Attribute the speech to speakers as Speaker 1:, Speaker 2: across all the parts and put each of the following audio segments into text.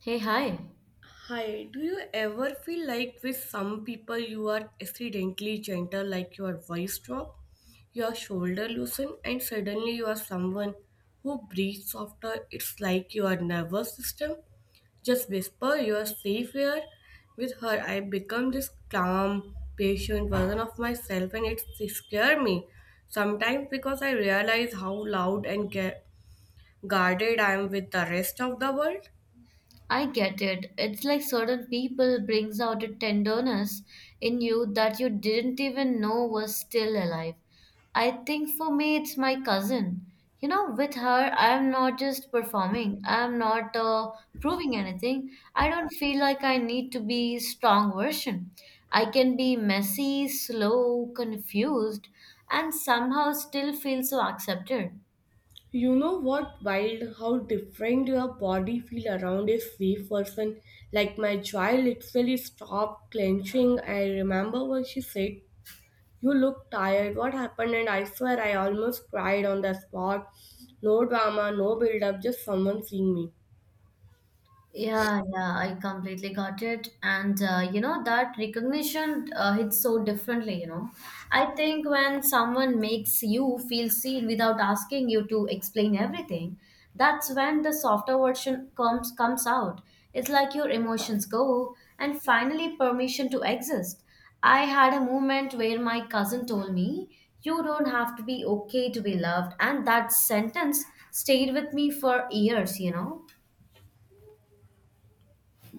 Speaker 1: Hey, hi.
Speaker 2: Hi, do you ever feel like with some people you are accidentally gentle, like your voice drop, your shoulder loosen, and suddenly you are someone who breathes softer? It's like your nervous system just whisper you are safe here. With her, I become this calm, patient version of myself, and it scares me sometimes because I realize how loud and guarded I am with the rest of the world.
Speaker 1: I get it. It's like certain people brings out a tenderness in you that you didn't even know was still alive. I think for me it's my cousin. You know, with her I'm not just performing. I'm not proving anything. I don't feel like I need to be strong version. I can be messy, slow, confused and somehow still feel so accepted.
Speaker 2: You know what wild how different your body feel around a safe person. Like my child literally stopped clenching. I remember what she said. You look tired. What happened? And I swear I almost cried on the spot. No drama, no build up, just someone seeing me.
Speaker 1: Yeah, yeah, I completely got it. And you know, that recognition hits so differently, you know. I think when someone makes you feel seen without asking you to explain everything, that's when the softer version comes out. It's like your emotions go and finally permission to exist. I had a moment where my cousin told me, "You don't have to be okay to be loved," and that sentence stayed with me for years, you know.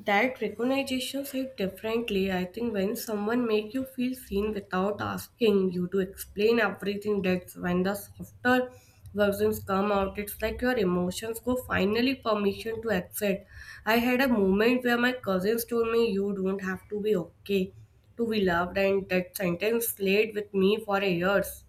Speaker 2: That recognition hit differently. I think when someone make you feel seen without asking you to explain everything, that's when the softer versions come out. It's like your emotions go finally permission to accept. I had a moment where my cousins told me you don't have to be okay to be loved, and that sentence stayed with me for years.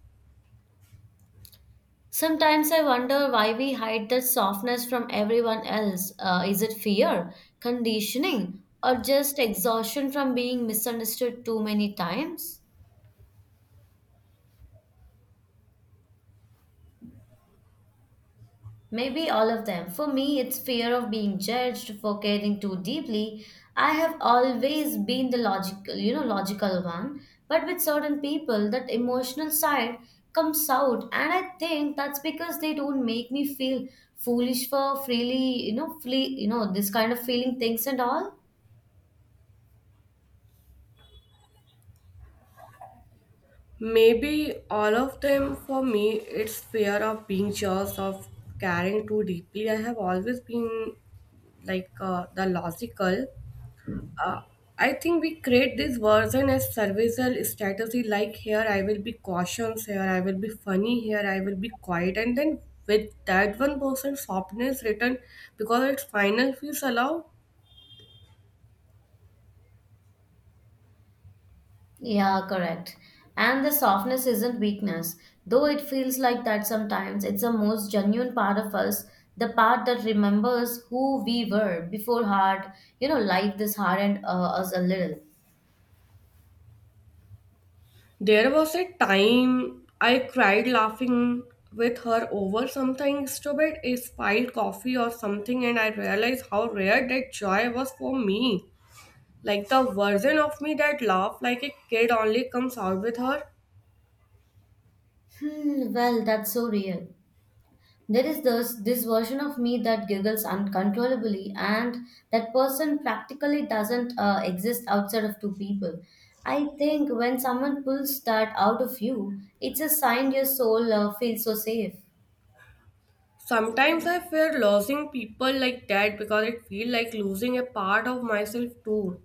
Speaker 1: Sometimes I wonder why we hide that softness from everyone else. Is it fear, conditioning, or just exhaustion from being misunderstood too many times? Maybe all of them. For me, it's fear of being judged for caring too deeply. I have always been the logical, you know, logical one, but with certain people, that emotional side comes out, and I think that's because they don't make me feel foolish for freely, you know, free, you know, this kind of feeling things and all.
Speaker 2: Maybe all of them for me, it's fear of being judged, of caring too deeply. I have always been like the logical. Uh, I think we create this version as serviceable strategy like here I will be cautious, here I will be funny, here I will be quiet, and then with that one person softness written because its final feels allowed.
Speaker 1: Yeah, correct. And the softness isn't weakness, though it feels like that sometimes. It's the most genuine part of us, the part that remembers who we were before hard, you know, life this hardened us a little.
Speaker 2: There was a time I cried laughing with her over something stupid, a spilled coffee or something, and I realized how rare that joy was for me. Like the version of me that laughed like a kid only comes out with her.
Speaker 1: Hmm, well, that's so real. There is this version of me that giggles uncontrollably, and that person practically doesn't exist outside of two people. I think when someone pulls that out of you, it's a sign your soul feels so safe.
Speaker 2: Sometimes I fear losing people like that because it feels like losing a part of myself too.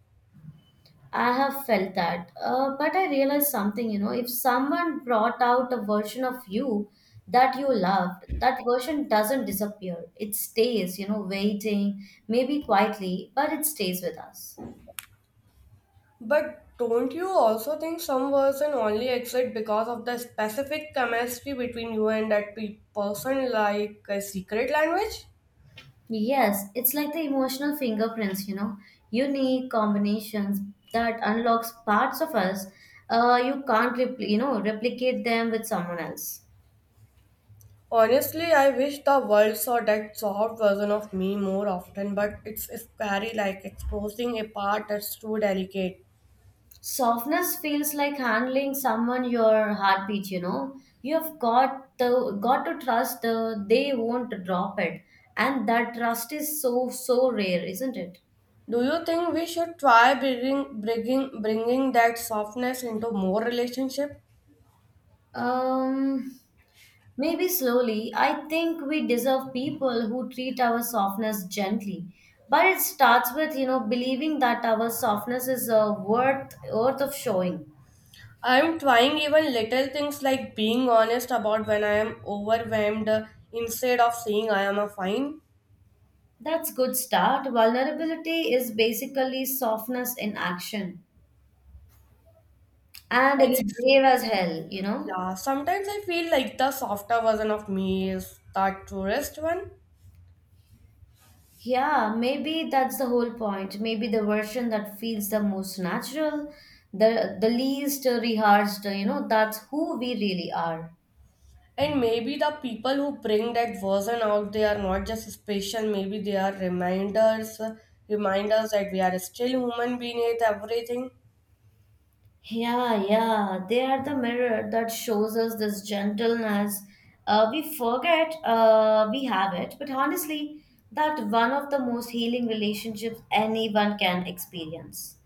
Speaker 1: I have felt that. But I realized something, you know, if someone brought out a version of you that you loved, that version doesn't disappear. It stays, you know, waiting, maybe quietly, but it stays with us.
Speaker 2: But don't you also think some person only exist because of the specific chemistry between you and that person, like a secret language?
Speaker 1: Yes, it's like the emotional fingerprints, you know, unique combinations that unlocks parts of us. You can't, you know, replicate them with someone else.
Speaker 2: Honestly, I wish the world saw that soft version of me more often, but it's scary like exposing a part that's too delicate.
Speaker 1: Softness feels like handling someone your heartbeat, you know, you've got to trust the they won't drop it, and that trust is so so rare, isn't it?
Speaker 2: Do you think we should try bringing that softness into more relationship?
Speaker 1: Um maybe slowly, I think we deserve people who treat our softness gently, but it starts with, you know, believing that our softness is a worth of showing.
Speaker 2: I'm trying even little things like being honest about when I am overwhelmed instead of saying I am a fine.
Speaker 1: That's good start. Vulnerability is basically softness in action. And
Speaker 2: And
Speaker 1: it's
Speaker 2: it's
Speaker 1: brave as hell, you know?
Speaker 2: yeah, sometimes I feel like the softer version of me is that tourist one.
Speaker 1: Yeah, maybe that's the whole point. Maybe the version that feels the most natural, the least rehearsed, you know, that's who we really are.
Speaker 2: And maybe the people who bring that version out, they are not just special, maybe they are reminders that we are still human beneath everything.
Speaker 1: Yeah, yeah, they are the mirror that shows us this gentleness. We forget we have it, but honestly, that one of the most healing relationships anyone can experience.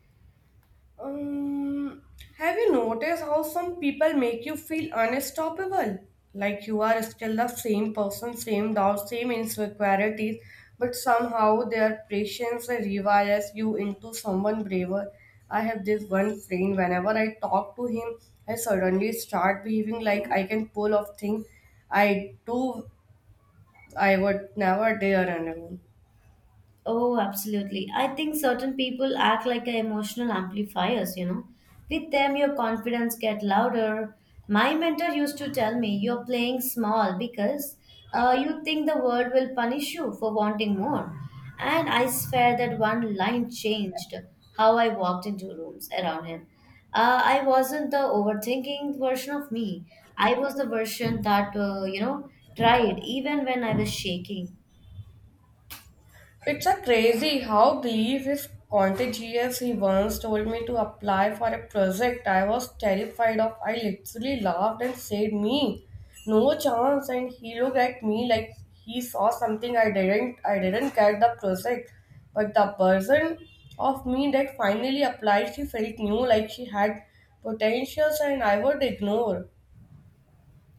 Speaker 2: Um, have you noticed how some people make you feel unstoppable? Like you are still the same person, same doubts, same insecurities, but somehow their patience rewires you into someone braver. I have this one friend, whenever I talk to him, I suddenly start behaving like I can pull off things I do I would never dare alone.
Speaker 1: Oh, absolutely. I think certain people act like a emotional amplifiers, you know. With them, your confidence get louder. My mentor used to tell me, you're playing small because you think the world will punish you for wanting more. And I swear that one line changed how I walked into rooms around him. I wasn't the overthinking version of me. I was the version that, you know, tried even when I was shaking.
Speaker 2: It's a crazy how belief is contagious. He once told me to apply for a project I was terrified of. I literally laughed and said, Me, no chance. And he looked at me like he saw something I didn't. I didn't get the project. But the person of me that finally applied, she felt new, like she had potentials and I would ignore.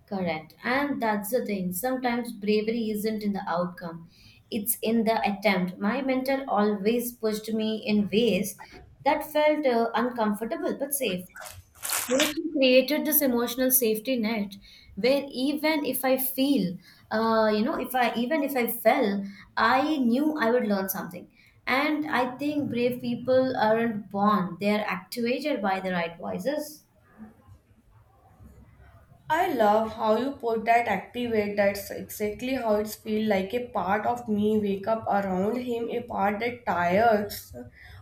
Speaker 1: Correct. And that's the thing. Sometimes bravery isn't in the outcome, it's in the attempt. My mentor always pushed me in ways that felt uncomfortable but safe. Like he created this emotional safety net where even if I feel, you know, if I even if I fell, I knew I would learn something. And I think brave people aren't born, they're activated by the right voices.
Speaker 2: I love how you put that activate. That's exactly how it's feel like a part of me wake up around him, a part that tires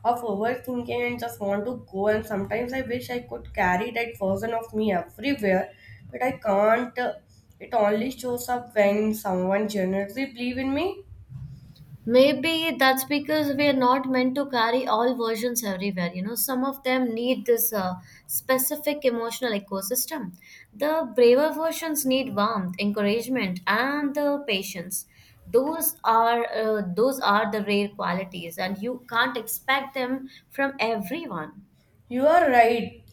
Speaker 2: of overthinking and just want to go. And sometimes I wish I could carry that version of me everywhere, but I can't. It only shows up when someone generously believe in me.
Speaker 1: Maybe that's because we're not meant to carry all versions everywhere. You know, some of them need this specific emotional ecosystem. The braver versions need warmth, encouragement, and the patience. Those are the rare qualities, and you can't expect them from everyone.
Speaker 2: You are right.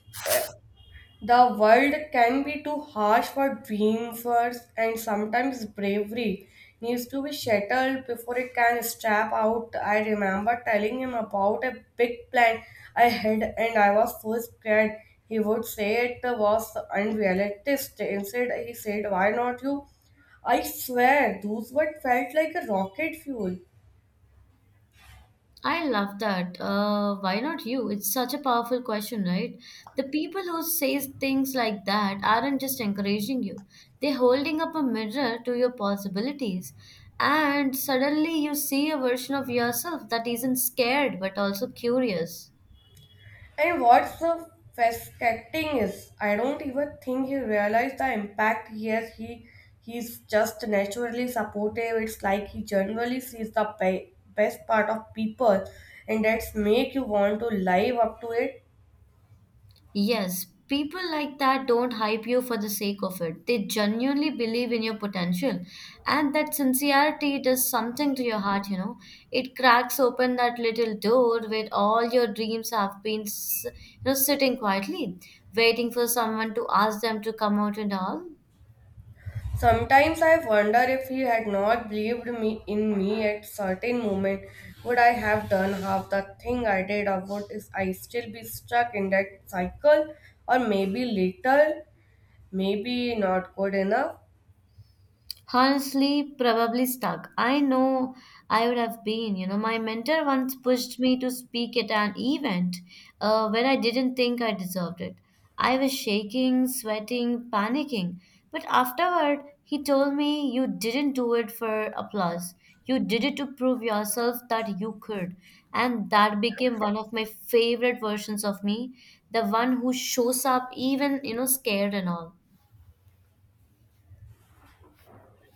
Speaker 2: The world can be too harsh for dreamers, and sometimes bravery needs to be shattered before it can step out. I remember telling him about a big plan I had, and I was so scared. He would say it was unrealistic. Instead, he said, Why not you? I swear, those words felt like a rocket fuel.
Speaker 1: I love that. Why not you? It's such a powerful question, right? The people who say things like that aren't just encouraging you. They're holding up a mirror to your possibilities. And suddenly you see a version of yourself that isn't scared but also curious.
Speaker 2: And what's so fascinating is, I don't even think he realized the impact he has. He's just naturally supportive. It's like he generally sees the best part of people, and that's make you want to live up to it.
Speaker 1: Yes, people like that don't hype you for the sake of it. They genuinely believe in your potential. And that sincerity does something to your heart, you know. It cracks open that little door where all your dreams have been, you know, sitting quietly, waiting for someone to ask them to come out and all.
Speaker 2: Sometimes I wonder if he had not believed me in me at certain moment, would I have done half the thing I did, or would is I still be stuck in that cycle, or maybe little, maybe not good enough.
Speaker 1: Honestly, probably stuck. I know I would have been. You know, my mentor once pushed me to speak at an event where I didn't think I deserved it. I was shaking, sweating, panicking. But afterward, he told me, You didn't do it for applause. You did it to prove yourself that you could. And that became one of my favorite versions of me, the one who shows up even, you know, scared and all.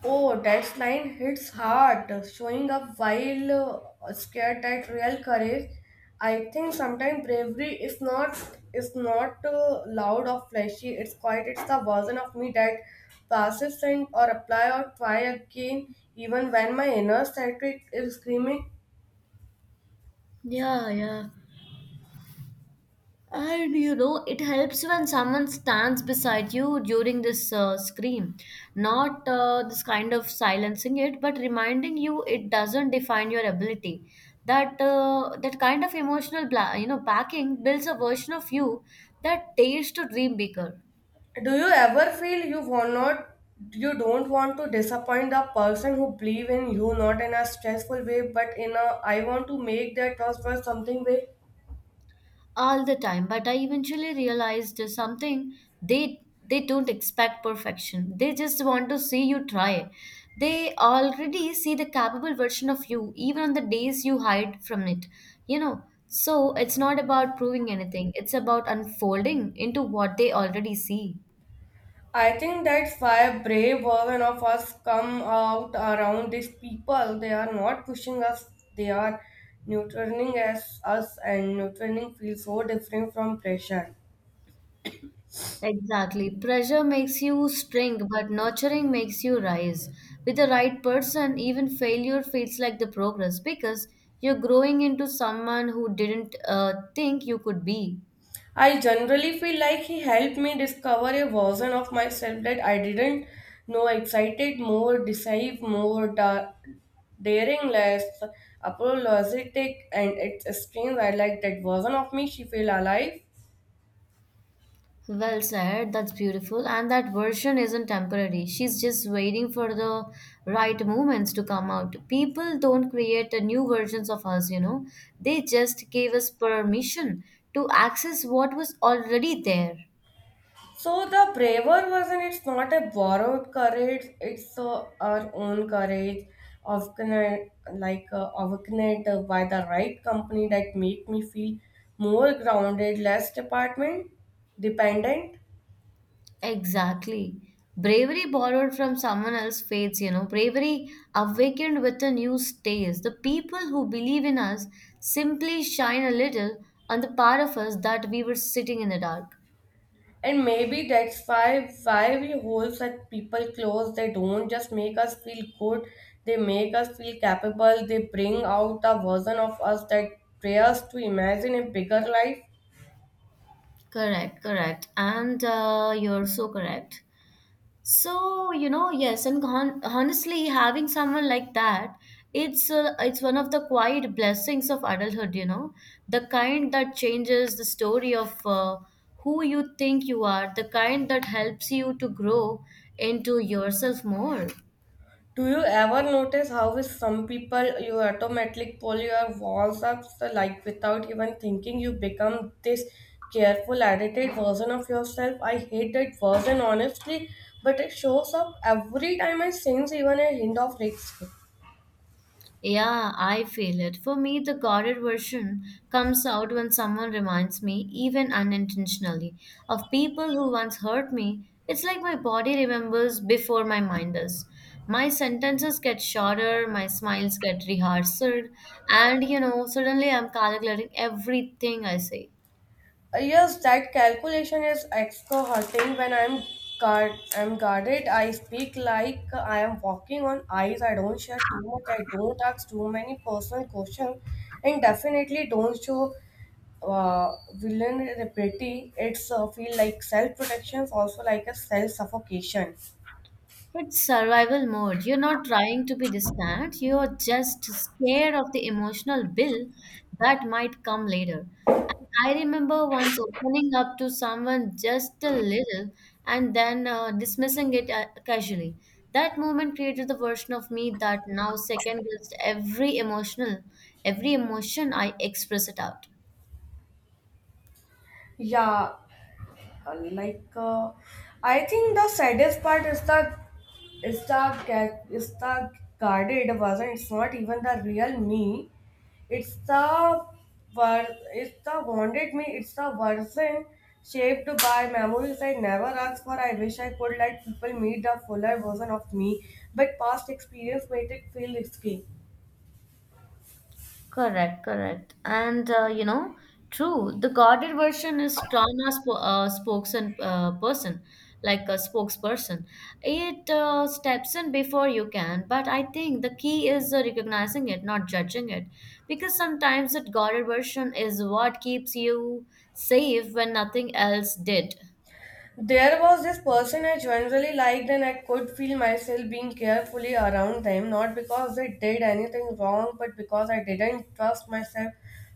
Speaker 2: Oh, that line hits hard, showing up while scared at real courage. I think sometimes bravery is not loud or flashy. It's quiet. It's the version of me that passes and or apply or try again, even when my inner static is screaming.
Speaker 1: Yeah, yeah. And you know, it helps when someone stands beside you during this scream. Not this kind of silencing it, but reminding you it doesn't define your ability. That kind of emotional, you know, backing builds a version of you that dares to dream bigger.
Speaker 2: Do you ever feel you want not you don't want to disappoint the person who believe in you not in a stressful way but in a I want to make their trust for something way?
Speaker 1: All the time, but I eventually realized something. They they don't expect perfection, they just want to see you try. They already see the capable version of you even on the days you hide from it, you know. So it's not about proving anything, it's about unfolding into what they already see.
Speaker 2: I think that's why brave version of us come out around these people. They are not pushing us, they are nurturing as us and nurturing feels so different from pressure.
Speaker 1: Exactly. Pressure makes you shrink, but nurturing makes you rise. With the right person, even failure feels like the progress because you're growing into someone who didn't think you could be.
Speaker 2: I generally feel like he helped me discover a version of myself that I didn't know excited, more decisive, more daring, less apologetic, and it's strange. I like that version of me. She feel alive.
Speaker 1: Well said. That's beautiful. And that version isn't temporary. She's just waiting for the right moments to come out. People don't create a new versions of us, you know. They just gave us permission to access what was already there.
Speaker 2: So the braver version, it's not a borrowed courage, it's our own courage, awakened, like awakened by the right company that make me feel more grounded, less department dependent.
Speaker 1: Exactly. Bravery borrowed from someone else's faiths, you know. Bravery awakened with a new stays. The people who believe in us simply shine a little on the part of us that we were sitting in the dark.
Speaker 2: And maybe that's why we hold such people close. They don't just make us feel good, they make us feel capable. They bring out the version of us that dares to imagine a bigger life.
Speaker 1: Correct, correct. And you're so correct. So, you know, yes, and honestly, having someone like that, it's one of the quiet blessings of adulthood, you know, the kind that changes the story of who you think you are, the kind that helps you to grow into yourself more.
Speaker 2: Do you ever notice how with some people you automatically pull your walls up so like without even thinking you become this careful edited version of yourself? I hate that version honestly, but it shows up every time I sense even a hint of risk.
Speaker 1: Yeah, I feel it. For me, the guarded version comes out when someone reminds me, even unintentionally, of people who once hurt me. It's like my body remembers before my mind does. My sentences get shorter, my smiles get rehearsed, and you know, suddenly I'm calculating everything I say.
Speaker 2: Yes, that calculation is extra hurting when I'm guarded. I speak like I am walking on ice. I don't share too much. I don't ask too many personal questions, and definitely don't show villain repeating it's feel like self protection also like a self suffocation.
Speaker 1: It's survival mode. You're not trying to be distant, you're just scared of the emotional bill that might come later. And I remember once opening up to someone just a little and then dismissing it casually. That moment created the version of me that now second guessed every emotional, every emotion I express it out.
Speaker 2: Yeah, uh, like uh, I think the saddest part is the guarded version it's not even the real me it's the it's the wanted me it's the version shaped by memories I never asked for I wish I could let people meet the fuller version of me but past experience made it feel risky.
Speaker 1: Correct, correct. And you know, true, the guarded version is trauma sp spokesman person, like a spokesperson. It steps in before you can, but I think the key is recognizing it, not judging it, because sometimes that guarded version is what keeps you safe when nothing else did.
Speaker 2: There was this person I generally liked, and I could feel myself being carefully around them, not because they did anything wrong, but because I didn't trust myself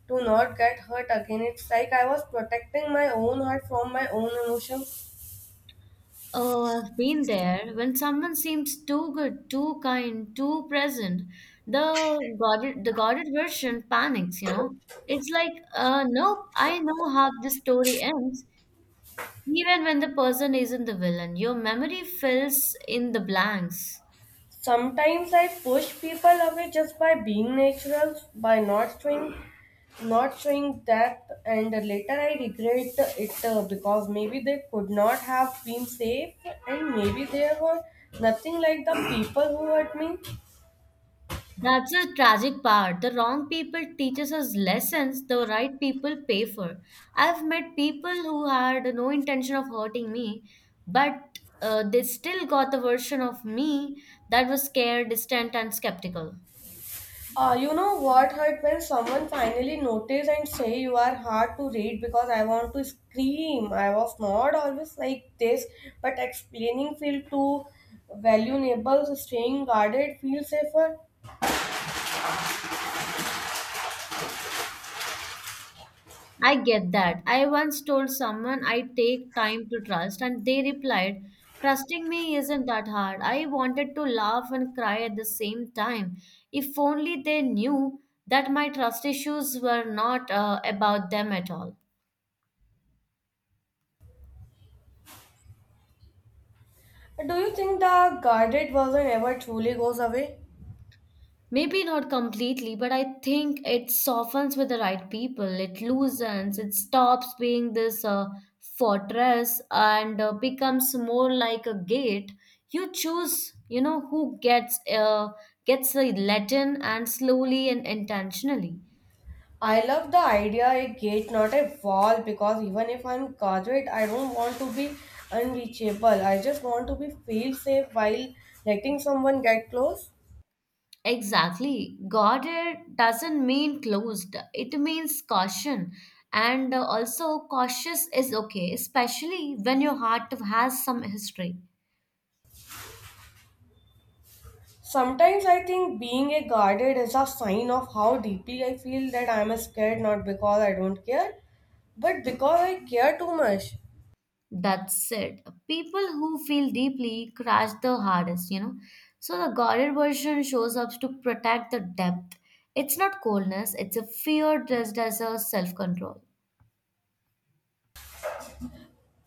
Speaker 2: to not get hurt again. It's like I was protecting my own heart from my own emotions.
Speaker 1: Oh, I've been there. When someone seems too good, too kind, too present, the guarded version panics, you know. It's like, nope, I know how this story ends, even when the person isn't the villain. Your memory fills in the blanks.
Speaker 2: Sometimes I push people away just by being natural, by not showing depth, and later I regret it because maybe they could not have been safe, and maybe they were nothing like the people who hurt me.
Speaker 1: That's the tragic part. The wrong people teaches us lessons the right people pay for. I've met people who had no intention of hurting me, but they still got the version of me that was scared, distant, and skeptical.
Speaker 2: You know what hurt when someone finally notice and say you are hard to read because I want to scream. I was not always like this, but explaining feel too valuable, staying guarded feel safer.
Speaker 1: I get that. I once told someone I take time to trust, and they replied, Trusting me isn't that hard. I wanted to laugh and cry at the same time. If only they knew that my trust issues were not about them at all.
Speaker 2: Do you think the guarded version ever truly goes away?
Speaker 1: Maybe not completely, but I think it softens with the right people. It loosens, it stops being this fortress and becomes more like a gate. You choose, you know, who gets gets the let in and slowly and intentionally.
Speaker 2: I love the idea a gate, not a wall, because even if I'm guarded, I don't want to be unreachable. I just want to be feel safe while letting someone get close.
Speaker 1: Exactly. Guarded doesn't mean closed. It means caution. And also cautious is okay, especially when your heart has some history.
Speaker 2: Sometimes I think being a guarded is a sign of how deeply I feel that I'm scared, not because I don't care, but because I care too much.
Speaker 1: That said, people who feel deeply crash the hardest, you know. So the guarded version shows up to protect the depth. It's not coldness, it's a fear dressed as a self control.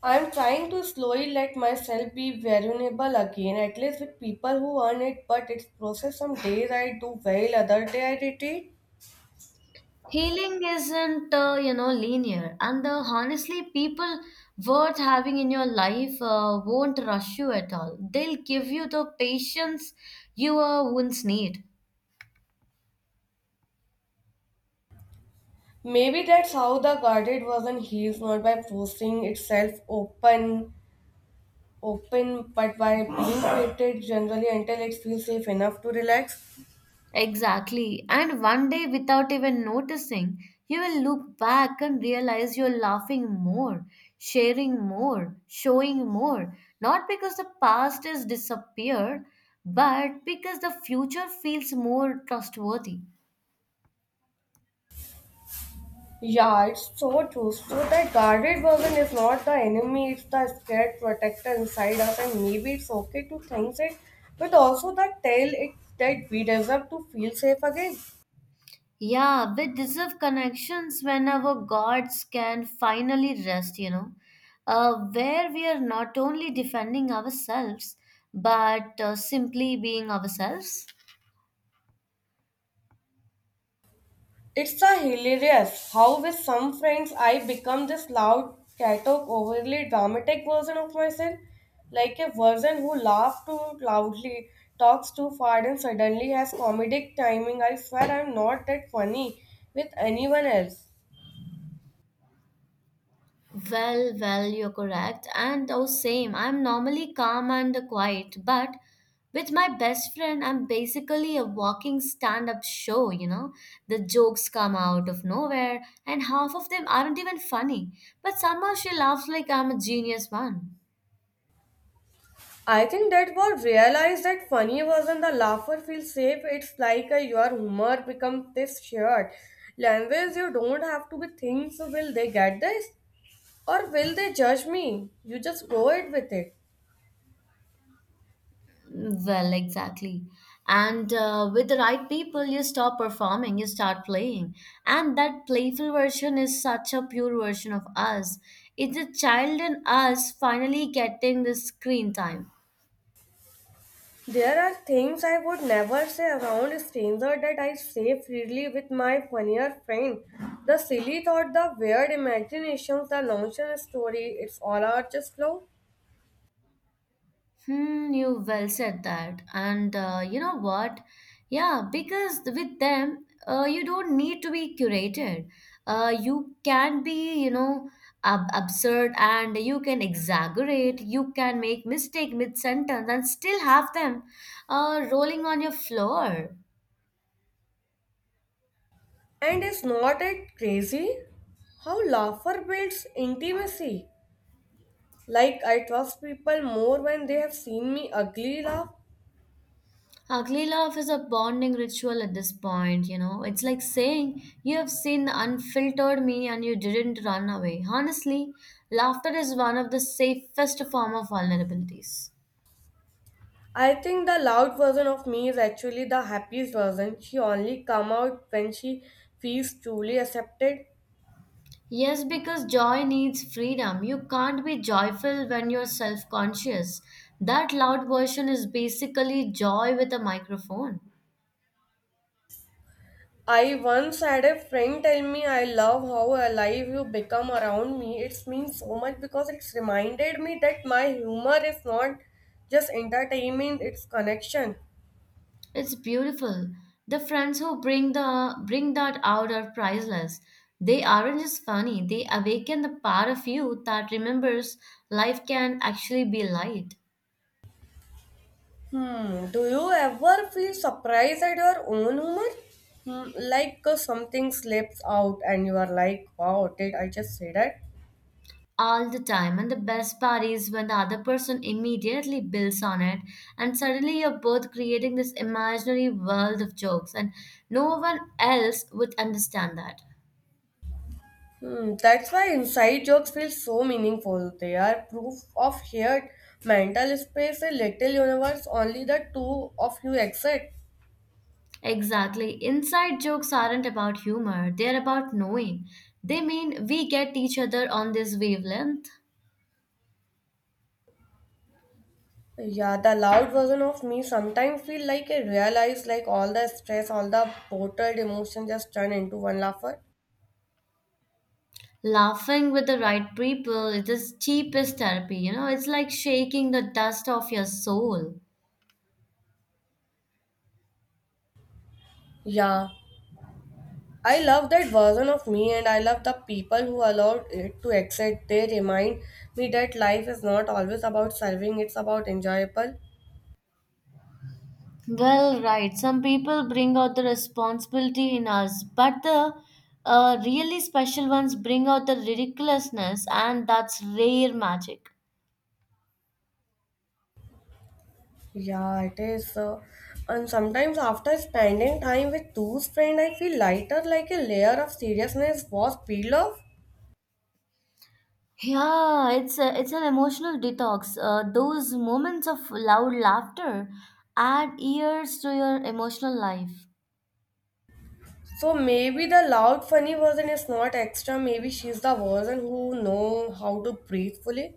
Speaker 2: I'm trying to slowly let myself be vulnerable again, at least with people who earn it, but it's process some days I do well, other day I retreat.
Speaker 1: Healing isn't, linear, and honestly, people worth having in your life won't rush you at all. They'll give you the patience your wounds need.
Speaker 2: Maybe that's how the guarded version heals, not by forcing itself open but by being treated generally until it feels safe enough to relax.
Speaker 1: Exactly. And one day, without even noticing, you will look back and realize you're laughing more, sharing more, showing more. Not because the past has disappeared, but because the future feels more trustworthy.
Speaker 2: Yeah, it's so true. So that guarded version is not the enemy, it's the scared protector inside us, and maybe it's okay to think it, but also the tell it that we deserve to feel safe again.
Speaker 1: Yeah, we deserve connections when our gods can finally rest, where we are not only defending ourselves, but simply being ourselves.
Speaker 2: It's a hilarious how with some friends I become this loud, catok, overly dramatic version of myself, like a version who laughs too loudly, talks too far, and suddenly has comedic timing. I swear I'm not that funny with anyone else.
Speaker 1: Well, you're correct. And oh, same. I'm normally calm and quiet, but with my best friend, I'm basically a walking stand up show? The jokes come out of nowhere, and half of them aren't even funny. But somehow she laughs like I'm a genius one.
Speaker 2: I think that was realized that funny wasn't the laugher feel safe. It's like a, your humor become this shared language. You don't have to be think. So will they get this or will they judge me? You just go it with it.
Speaker 1: Well, exactly. And with the right people, you stop performing, you start playing. And that playful version is such a pure version of us. It's a child in us finally getting the screen time.
Speaker 2: There are things I would never say around a stranger that I say freely with my funnier friend. The silly thought, the weird imaginations, the nonsense story. It's all out just flow.
Speaker 1: You well said that. And you know what? Yeah, because with them, you don't need to be curated. You can be, absurd and you can exaggerate. You can make mistake mid sentence and still have them rolling on your floor.
Speaker 2: And is not it crazy how laughter builds intimacy? Like I trust people more when they have seen me ugly laugh.
Speaker 1: Ugly love is a bonding ritual at this point. It's like saying, You have seen the unfiltered me and you didn't run away. Honestly, laughter is one of the safest form of vulnerabilities.
Speaker 2: I think the loud version of me is actually the happiest version. She only come out when she feels truly accepted.
Speaker 1: Yes, because joy needs freedom. You can't be joyful when you're self conscious. That loud version is basically joy with a microphone.
Speaker 2: I once had a friend tell me I love how alive you become around me. It means so much because it's reminded me that my humor is not just entertainment, it's connection.
Speaker 1: It's beautiful. The friends who bring that out are priceless. They aren't just funny, they awaken the part of you that remembers life can actually be light
Speaker 2: Hmm. Do you ever feel surprised at your own humor? Hmm. Something slips out and you are like, wow, did I just say that?
Speaker 1: all the time. And the best part is when the other person immediately builds on it, and suddenly you're both creating this imaginary world of jokes, and no one else would understand that.
Speaker 2: Hmm. That's why inside jokes feel so meaningful. They are proof of shared mental space, a little universe only the two of you exist.
Speaker 1: Exactly. Inside jokes aren't about humor, they're about knowing. They mean we get each other on this wavelength.
Speaker 2: Yeah, the loud version of me sometimes feel like I realize like all the stress, all the bottled emotion just turn into one laugher.
Speaker 1: Laughing with the right people is the cheapest therapy, it's like shaking the dust off your soul.
Speaker 2: Yeah, I love that version of me and I love the people who allowed it to exist. They remind me that life is not always about serving, it's about enjoyable.
Speaker 1: Well, right. Some people bring out the responsibility in us, but the really special ones bring out the ridiculousness, and that's rare magic.
Speaker 2: Yeah, it is. And sometimes after spending time with those friends, I feel lighter like a layer of seriousness was peeled off.
Speaker 1: Yeah, it's an emotional detox. Those moments of loud laughter add years to your emotional life.
Speaker 2: So maybe the loud funny version is not extra, maybe she's the version who know how to breathe fully.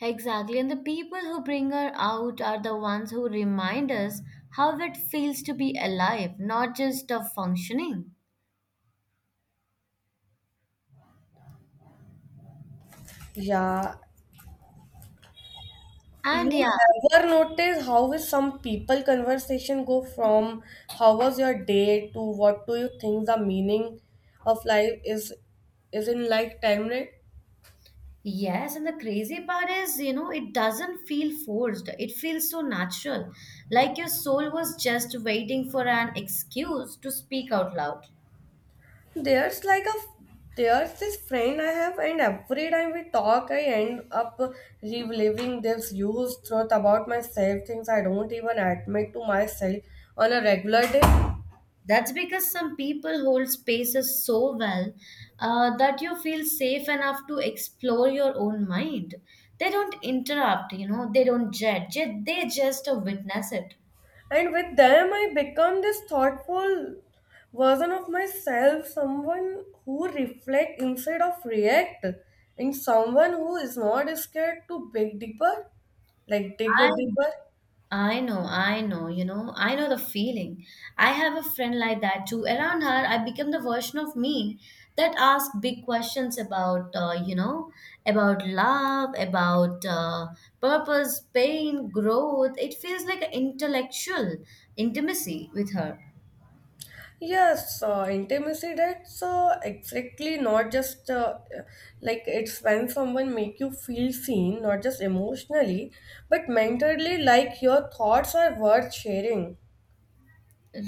Speaker 1: Exactly, and the people who bring her out are the ones who remind us how it feels to be alive, not just of functioning.
Speaker 2: Yeah. You
Speaker 1: And yeah,
Speaker 2: ever notice how is some people conversation go from how was your day to what do you think the meaning of life is in like time right?
Speaker 1: yes, and the crazy part is, you know, it doesn't feel forced. It feels so natural, like your soul was just waiting for an excuse to speak out loud.
Speaker 2: There's like a there's this friend I have and every time we talk I end up reliving this used truth about myself, things I don't even admit to myself on a regular day.
Speaker 1: That's because some people hold spaces so well that you feel safe enough to explore your own mind. They don't interrupt, you know, they don't judge, they just witness it.
Speaker 2: And with them, I become this thoughtful version of myself, someone who reflect instead of react, and someone who is not scared to dig
Speaker 1: I
Speaker 2: deeper.
Speaker 1: I know, I know, you know, I know the feeling. I have a friend like that too. Around her, I become the version of me that asks big questions about, about love, about purpose, pain, growth. It feels like an intellectual intimacy with her.
Speaker 2: Yes, intimacy that's exactly not just like it's when someone make you feel seen, not just emotionally, but mentally, like your thoughts are worth sharing.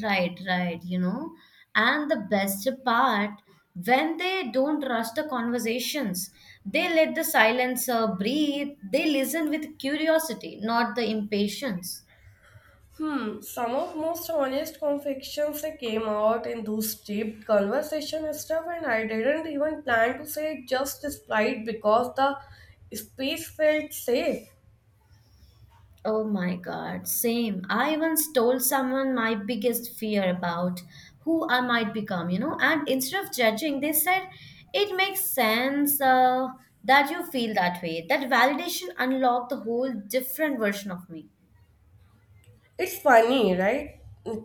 Speaker 1: Right, you know. And the best part, when they don't rush the conversations, they let the silence breathe, they listen with curiosity, not the impatience.
Speaker 2: Hmm, some of most honest confections they came out in those deep conversation stuff, and I didn't even plan to say it just despite because the space felt safe.
Speaker 1: Oh my God, same. I once told someone my biggest fear about who I might become, you know, and instead of judging, they said, It makes sense that you feel that way. That validation unlocked the whole different version of me.
Speaker 2: It's funny, right?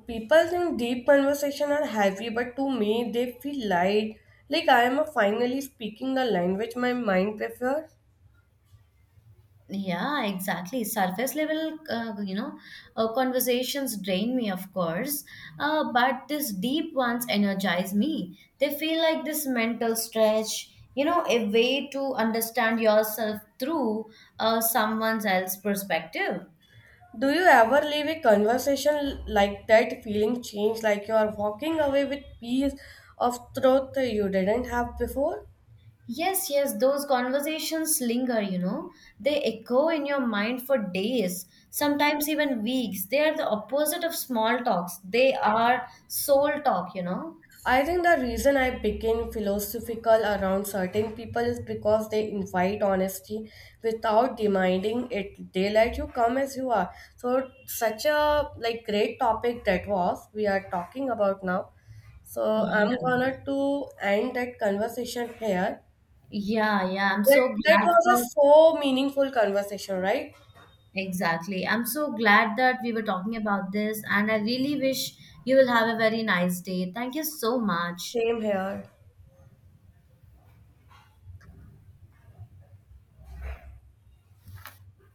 Speaker 2: People think deep conversation are heavy, but to me they feel light. Like I am finally speaking the language my mind prefers.
Speaker 1: Yeah, exactly. Surface level, conversations drain me, of course, but these deep ones energize me. They feel like this mental stretch, you know, a way to understand yourself through someone else's perspective.
Speaker 2: Do you ever leave a conversation like that feeling changed, like you are walking away with piece of truth you didn't have before?
Speaker 1: Yes, yes, those conversations linger, you know. They echo in your mind for days, sometimes even weeks. They are the opposite of small talks, they are soul talk, you know.
Speaker 2: I think the reason I became philosophical around certain people is because they invite honesty without demanding it. They let you come as you are. So such a like great topic that was we are talking about now. So I'm
Speaker 1: Yeah.
Speaker 2: gonna to end that conversation here.
Speaker 1: Yeah, yeah. I'm so
Speaker 2: That
Speaker 1: glad
Speaker 2: was
Speaker 1: for
Speaker 2: a so meaningful conversation, right?
Speaker 1: exactly. I'm so glad that we were talking about this, and I really wish you will have a very nice day. Thank you so much.
Speaker 2: Same here.